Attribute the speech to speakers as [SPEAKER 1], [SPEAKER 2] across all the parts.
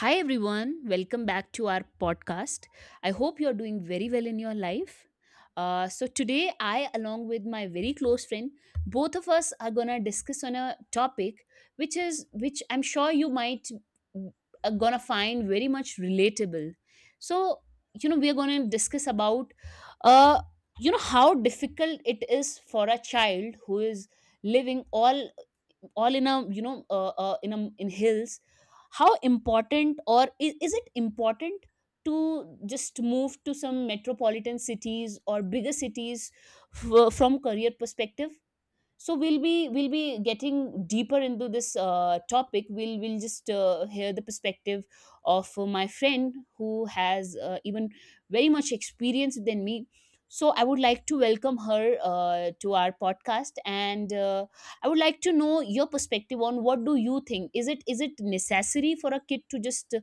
[SPEAKER 1] Hi everyone, welcome back to our podcast. I hope you're doing very well in your life. So today I, along with my very close friend, both of us are going to discuss on a topic which I'm sure you might are going to find very much relatable. So, we are going to discuss about uh how difficult it is for a child who is living all in a you know in a in hills. How important, or is it important to just move to some metropolitan cities or bigger cities from career perspective. So we'll be getting deeper into this topic. We'll just hear the perspective of my friend who has even very much experience than me. So I would like to welcome her to our podcast, and I would like to know your perspective on what do you think, is it necessary for a kid to just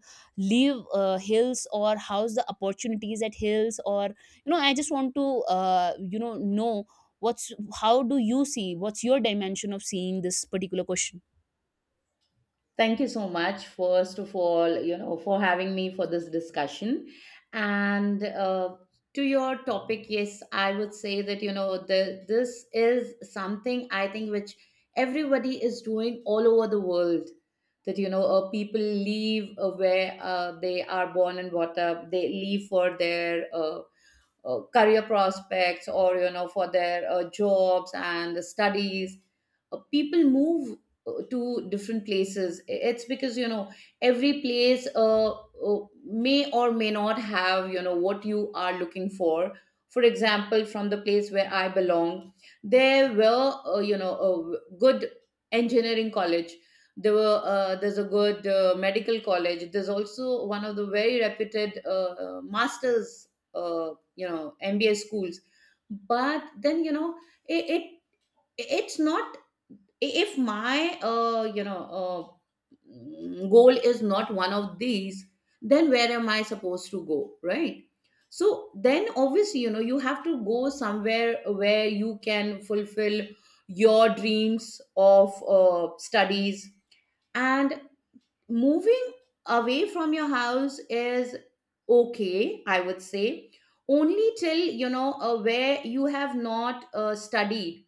[SPEAKER 1] leave hills, or how's the opportunities at hills? Or I just want to know what's how do you see what's your dimension of seeing this particular question?
[SPEAKER 2] Thank you so much, first of all, you know, for having me for this discussion. And To your topic, yes, I would say that, you know, this is something I think which everybody is doing all over the world. That, you know, people leave where they are born and brought up, they leave for their career prospects, or you know, for their jobs and the studies. People move to different places. It's because, you know, every place may or may not have, you know, what you are looking for. For example, from the place where I belong, there were you know, a good engineering college, there were there's a good medical college, there's also one of the very reputed masters, uh, you know, MBA schools. But then, you know, it it's not, if my you know goal is not one of these, then where am I supposed to go, right? So then obviously, you know, you have to go somewhere where you can fulfill your dreams of studies. And moving away from your house is okay, I would say, only till, you know, where you have not studied.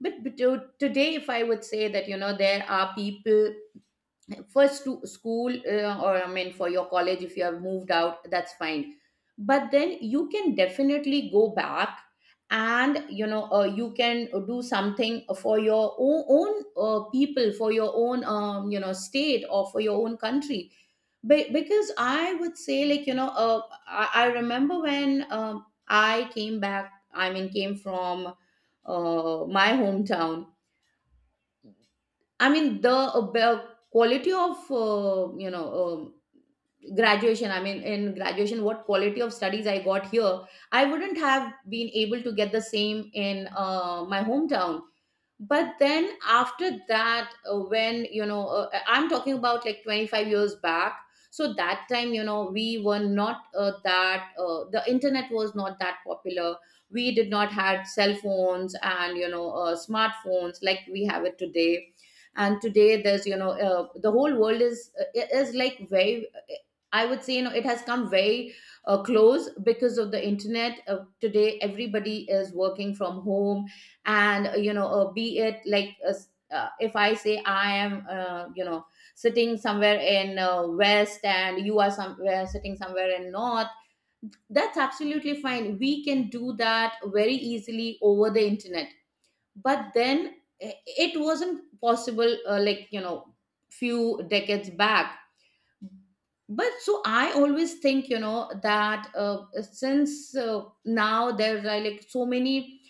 [SPEAKER 2] But today, if I would say that, you know, there are people first to school, or I mean, for your college, if you have moved out, that's fine. But then you can definitely go back, and you know, you can do something for your own people, for your own you know, state, or for your own country. Because I would say, like, you know, I remember when I came back, I mean, came from my hometown. I mean, the quality of you know, graduation. I mean, in graduation, what quality of studies I got here, I wouldn't have been able to get the same in my hometown. But then after that when you know I'm talking about, like, 25 years back, so that time, you know, we were not that the internet was not that popular. We did not had cell phones and, you know, smartphones like we have it today. And today there's, you know, the whole world is like very I would say, you know, it has come very close because of the internet. Today, everybody is working from home. And you know, be it like s- if I say I am, you know, sitting somewhere in west, and you are somewhere sitting somewhere in north, that's absolutely fine, we can do that very easily over the internet. But then it wasn't possible, like, you know, few decades back. But so I always think, you know, that since now there's like so many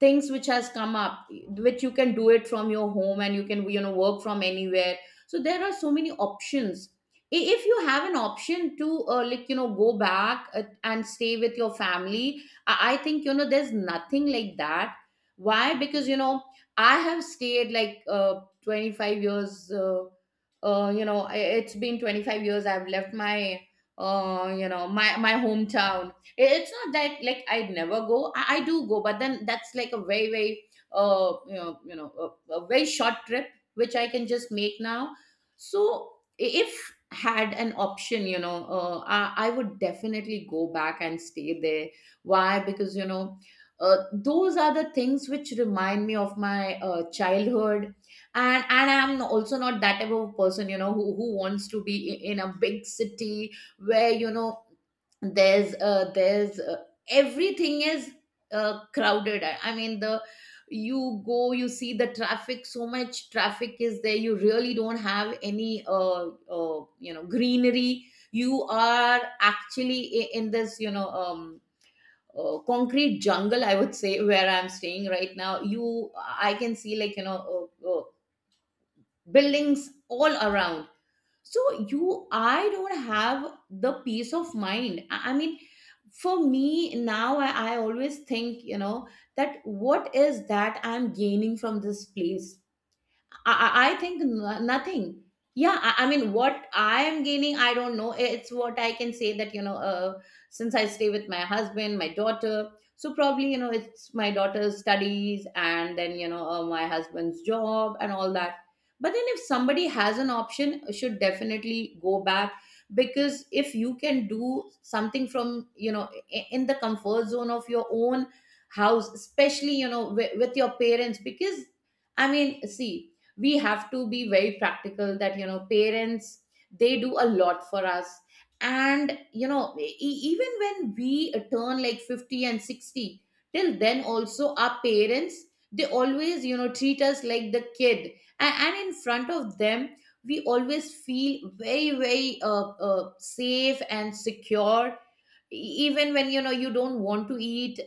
[SPEAKER 2] things which has come up, which you can do it from your home and you can, you know, work from anywhere. So there are so many options. If you have an option to like, you know, go back and stay with your family, I think, you know, there's nothing like that. Why? Because, you know, I have stayed like 25 years you know, it's been 25 years. I've left my, you know, my hometown. It's not that, like, I never go. I do go, but then that's like a very, you know, a very short trip which I can just make now. So if had an option, you know, I would definitely go back and stay there. Why? Because you know. Those are the things which remind me of my childhood. And I'm also not that type of person, you know, who wants to be in a big city where, you know, there's everything is crowded. I mean, the, you go, you see the traffic, so much traffic is there, you really don't have any you know, greenery. You are actually in this, you know, concrete jungle, I would say. Where I'm staying right now, you, I can see, like, you know, uh, uh, buildings all around. So you, I don't have the peace of mind. I mean, for me now, I always think, you know, that what is that I'm gaining from this place? I I think nothing. Yeah, I mean, what I am gaining, I don't know. It's what I can say that, you know, since I stay with my husband, my daughter, so probably, you know, it's my daughter's studies, and then, you know, my husband's job and all that. But then if somebody has an option, should definitely go back. Because if you can do something from, you know, in the comfort zone of your own house, especially, you know, with your parents. Because I mean, see, we have to be very practical that, you know, parents, they do a lot for us. And you know, even when we turn like 50 and 60, till then also our parents, they always, you know, treat us like the kid. And in front of them, we always feel very safe and secure. E- Even when, you know, you don't want to eat,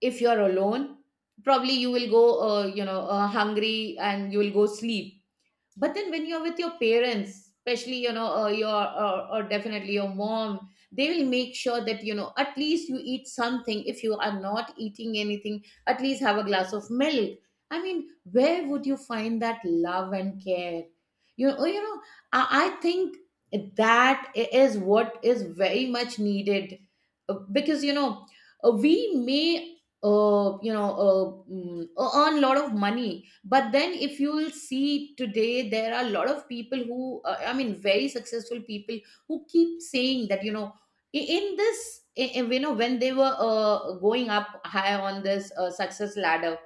[SPEAKER 2] if you're alone, probably you will go, you know, hungry, and you will go sleep. But then when you're with your parents, especially, you know, your or definitely your mom, they will make sure that, you know, at least you eat something. If you are not eating anything, at least have a glass of milk. I mean, where would you find that love and care? You know, I think that is what is very much needed. Because you know, we may you know, mm, earn a lot of money. But then if you will see today, there are a lot of people who I mean, very successful people, who keep saying that, you know, in this, you know, when they were going up high on this success ladder,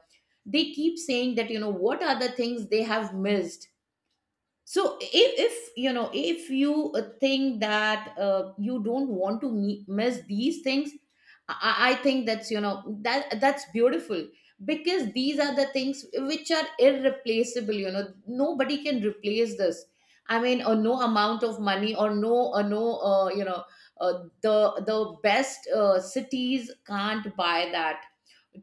[SPEAKER 2] they keep saying that, you know, what are the things they have missed. So if you know, if you think that you don't want to miss these things, I think that's, you know, that's beautiful. Because these are the things which are irreplaceable, you know, nobody can replace this. I mean, or no amount of money, or no, or no you know, the best cities can't buy that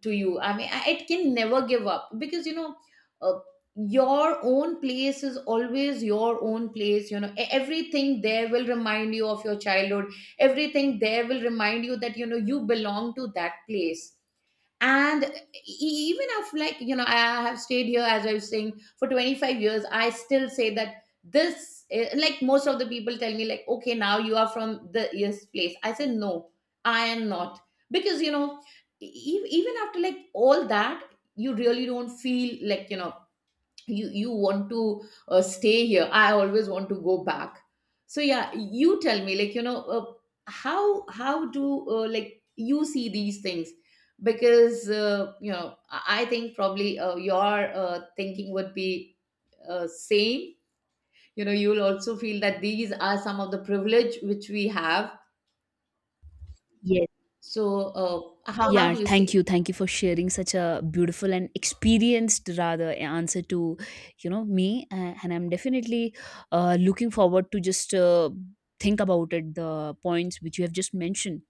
[SPEAKER 2] to you. I mean, it can never give up. Because you know, uh, your own place is always your own place. You know, everything there will remind you of your childhood. Everything there will remind you that, you know, you belong to that place. And even if, like, you know, I have stayed here, as I was saying, for 25 years, I still say that this, like, most of the people tell me like, okay, now you are from the this place, I said no, I am not. Because you know, e- e, even after like all that, you really don't feel like, you know, you want to stay here. I always want to go back. So yeah, you tell me, like, you know, how do like you see these things. Because you know, I think probably your thinking would be same. You know, you'll also feel that these are some of the privilege which we have.
[SPEAKER 1] Yes.
[SPEAKER 2] So uh, how
[SPEAKER 1] Yeah,
[SPEAKER 2] do you
[SPEAKER 1] thank you
[SPEAKER 2] see?
[SPEAKER 1] thank you for sharing such a beautiful and experienced rather answer to me, and I'm definitely looking forward to just think about it, the points which you have just mentioned.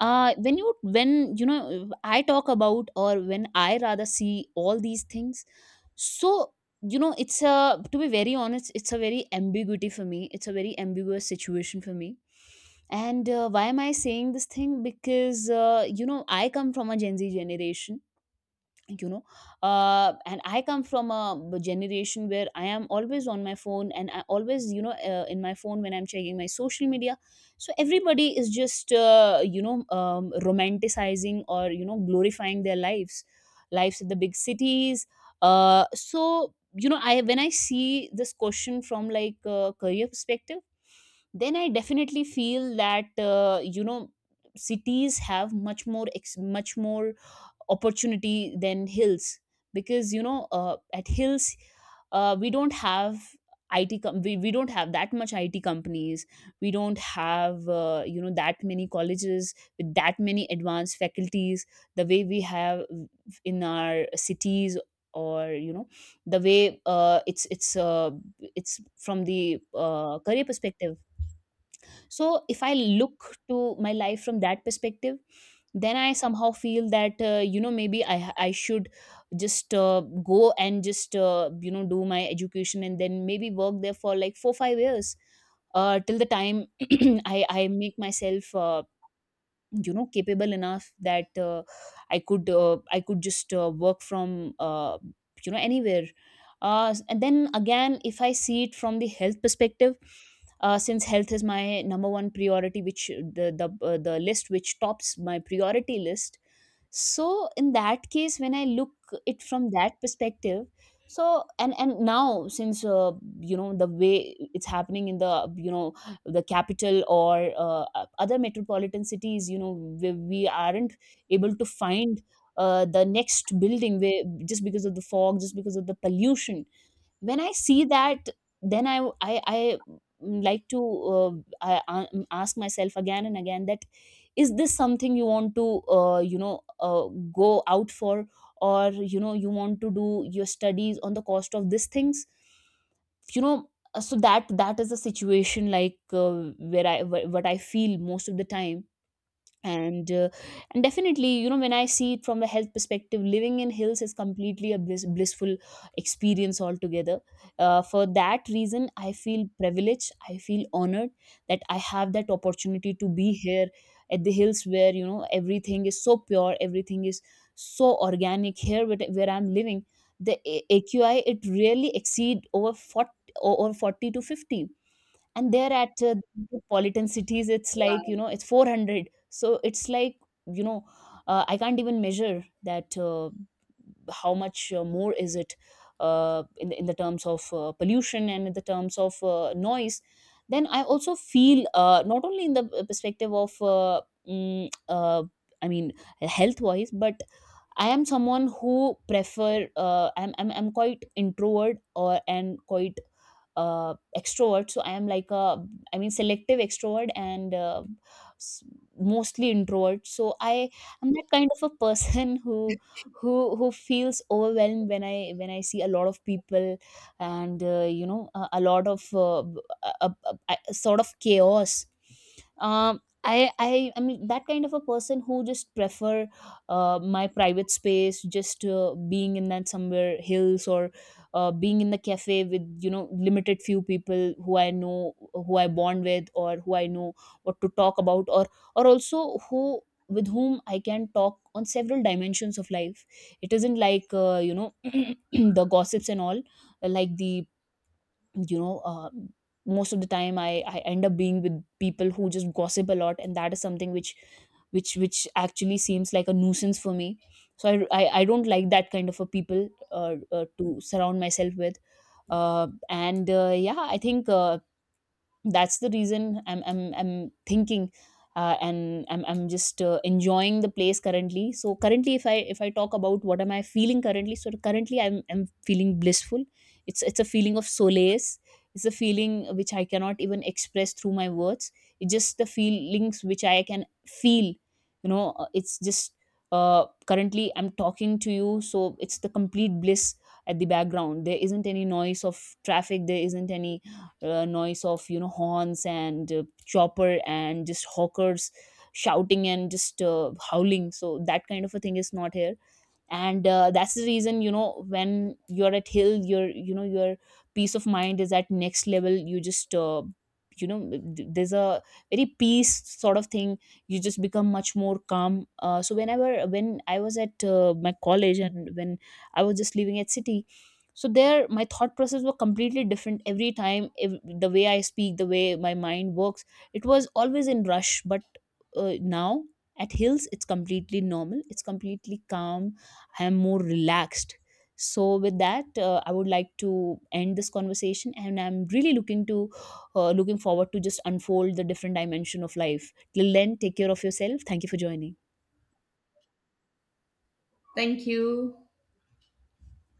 [SPEAKER 1] When you, when I talk about, or when I rather see all these things, so it's a to be very honest, it's a very ambiguity for me, it's a very ambiguous situation for me. And why am I saying this thing? Because I come from a Gen Z generation you know uh, and I come from a generation where I am always on my phone, and I always in my phone when I'm checking my social media. So everybody is just romanticizing, or glorifying their lives in the big cities. Uh, so you know i when I see this question from like a career perspective, then I definitely feel that uh, you know cities have much more opportunity than hills. Because at hills, we don't have we don't have that much IT companies. We don't have that many colleges with that many advanced faculties the way we have in our cities. Or the way it's from the career perspective. So if I look to my life from that perspective, then I somehow feel that maybe I should just go and just do my education, and then maybe work there for like 4 5 years, till the time I make myself capable enough that I could just work from anywhere. And then again, if I see it from the health perspective, since health is my number one priority, which the list which tops my priority list. So in that case, when I look it from that perspective. So and now, since the way it's happening in the you know the capital, or other metropolitan cities, we aren't able to find the next building, where just because of the fog, just because of the pollution, when I see that, then I like to uh, ask myself again and again that, is this something you want to go out for, or you want to do your studies on the cost of these things? So that is a situation, like where what I feel most of the time. And uh, and definitely, when I see it from a health perspective, living in hills is completely a blissful experience altogether. For that reason, I feel privileged, I feel honored that I have that opportunity to be here at the hills, where everything is so pure, everything is so organic. Here where I'm living, the AQI, it really exceed over 40, over 40 to 50. And there at metropolitan cities, it's like
[SPEAKER 2] Wow.
[SPEAKER 1] it's 400. So it's like you know I can't even measure that how much more is it, in the terms of pollution and in the terms of noise. Then I also feel not only in the perspective of mm, uh, I mean, health wise but I am someone who prefer I'm quite introvert or and quite extrovert. So I am like a, I mean, selective extrovert, and s- mostly introvert. So I am that kind of a person who feels overwhelmed when I see a lot of people, and a lot of a, a, a sort of chaos. I am that kind of a person who just prefer my private space, just being in that somewhere hills, or being in the cafe with limited few people who I know, who I bond with, or who I know what to talk about, or also who, with whom I can talk on several dimensions of life. It isn't like the gossips and all, like the you know most of the time, I end up being with people who just gossip a lot, and that is something which actually seems like a nuisance for me. So I don't like that kind of a people to surround myself with. And yeah, I think that's the reason I'm thinking, and I'm just enjoying the place currently. So currently, if I talk about what am I feeling currently, so currently I'm feeling blissful. It's a feeling of solace. It's a feeling which I cannot even express through my words. It's just the feelings which I can feel. It's just currently I'm talking to you, so it's the complete bliss. At the background, there isn't any noise of traffic, there isn't any noise of horns and chopper and just hawkers shouting and just howling. So that kind of a thing is not here. And that's the reason, when you're at hill, your your peace of mind is at next level. You just you know there's a very peace sort of thing. You just become much more calm. So when I was at my college, and when I was just living at city, so there my thought process were completely different every time, if, the way I speak, the way my mind works, it was always in rush. But now at hills, it's completely normal, it's completely calm. I am more relaxed. So, with that, I would like to end this conversation, and I'm really looking forward to just unfold the different dimension of life. Till then, take care of yourself. Thank you for joining.
[SPEAKER 2] Thank you.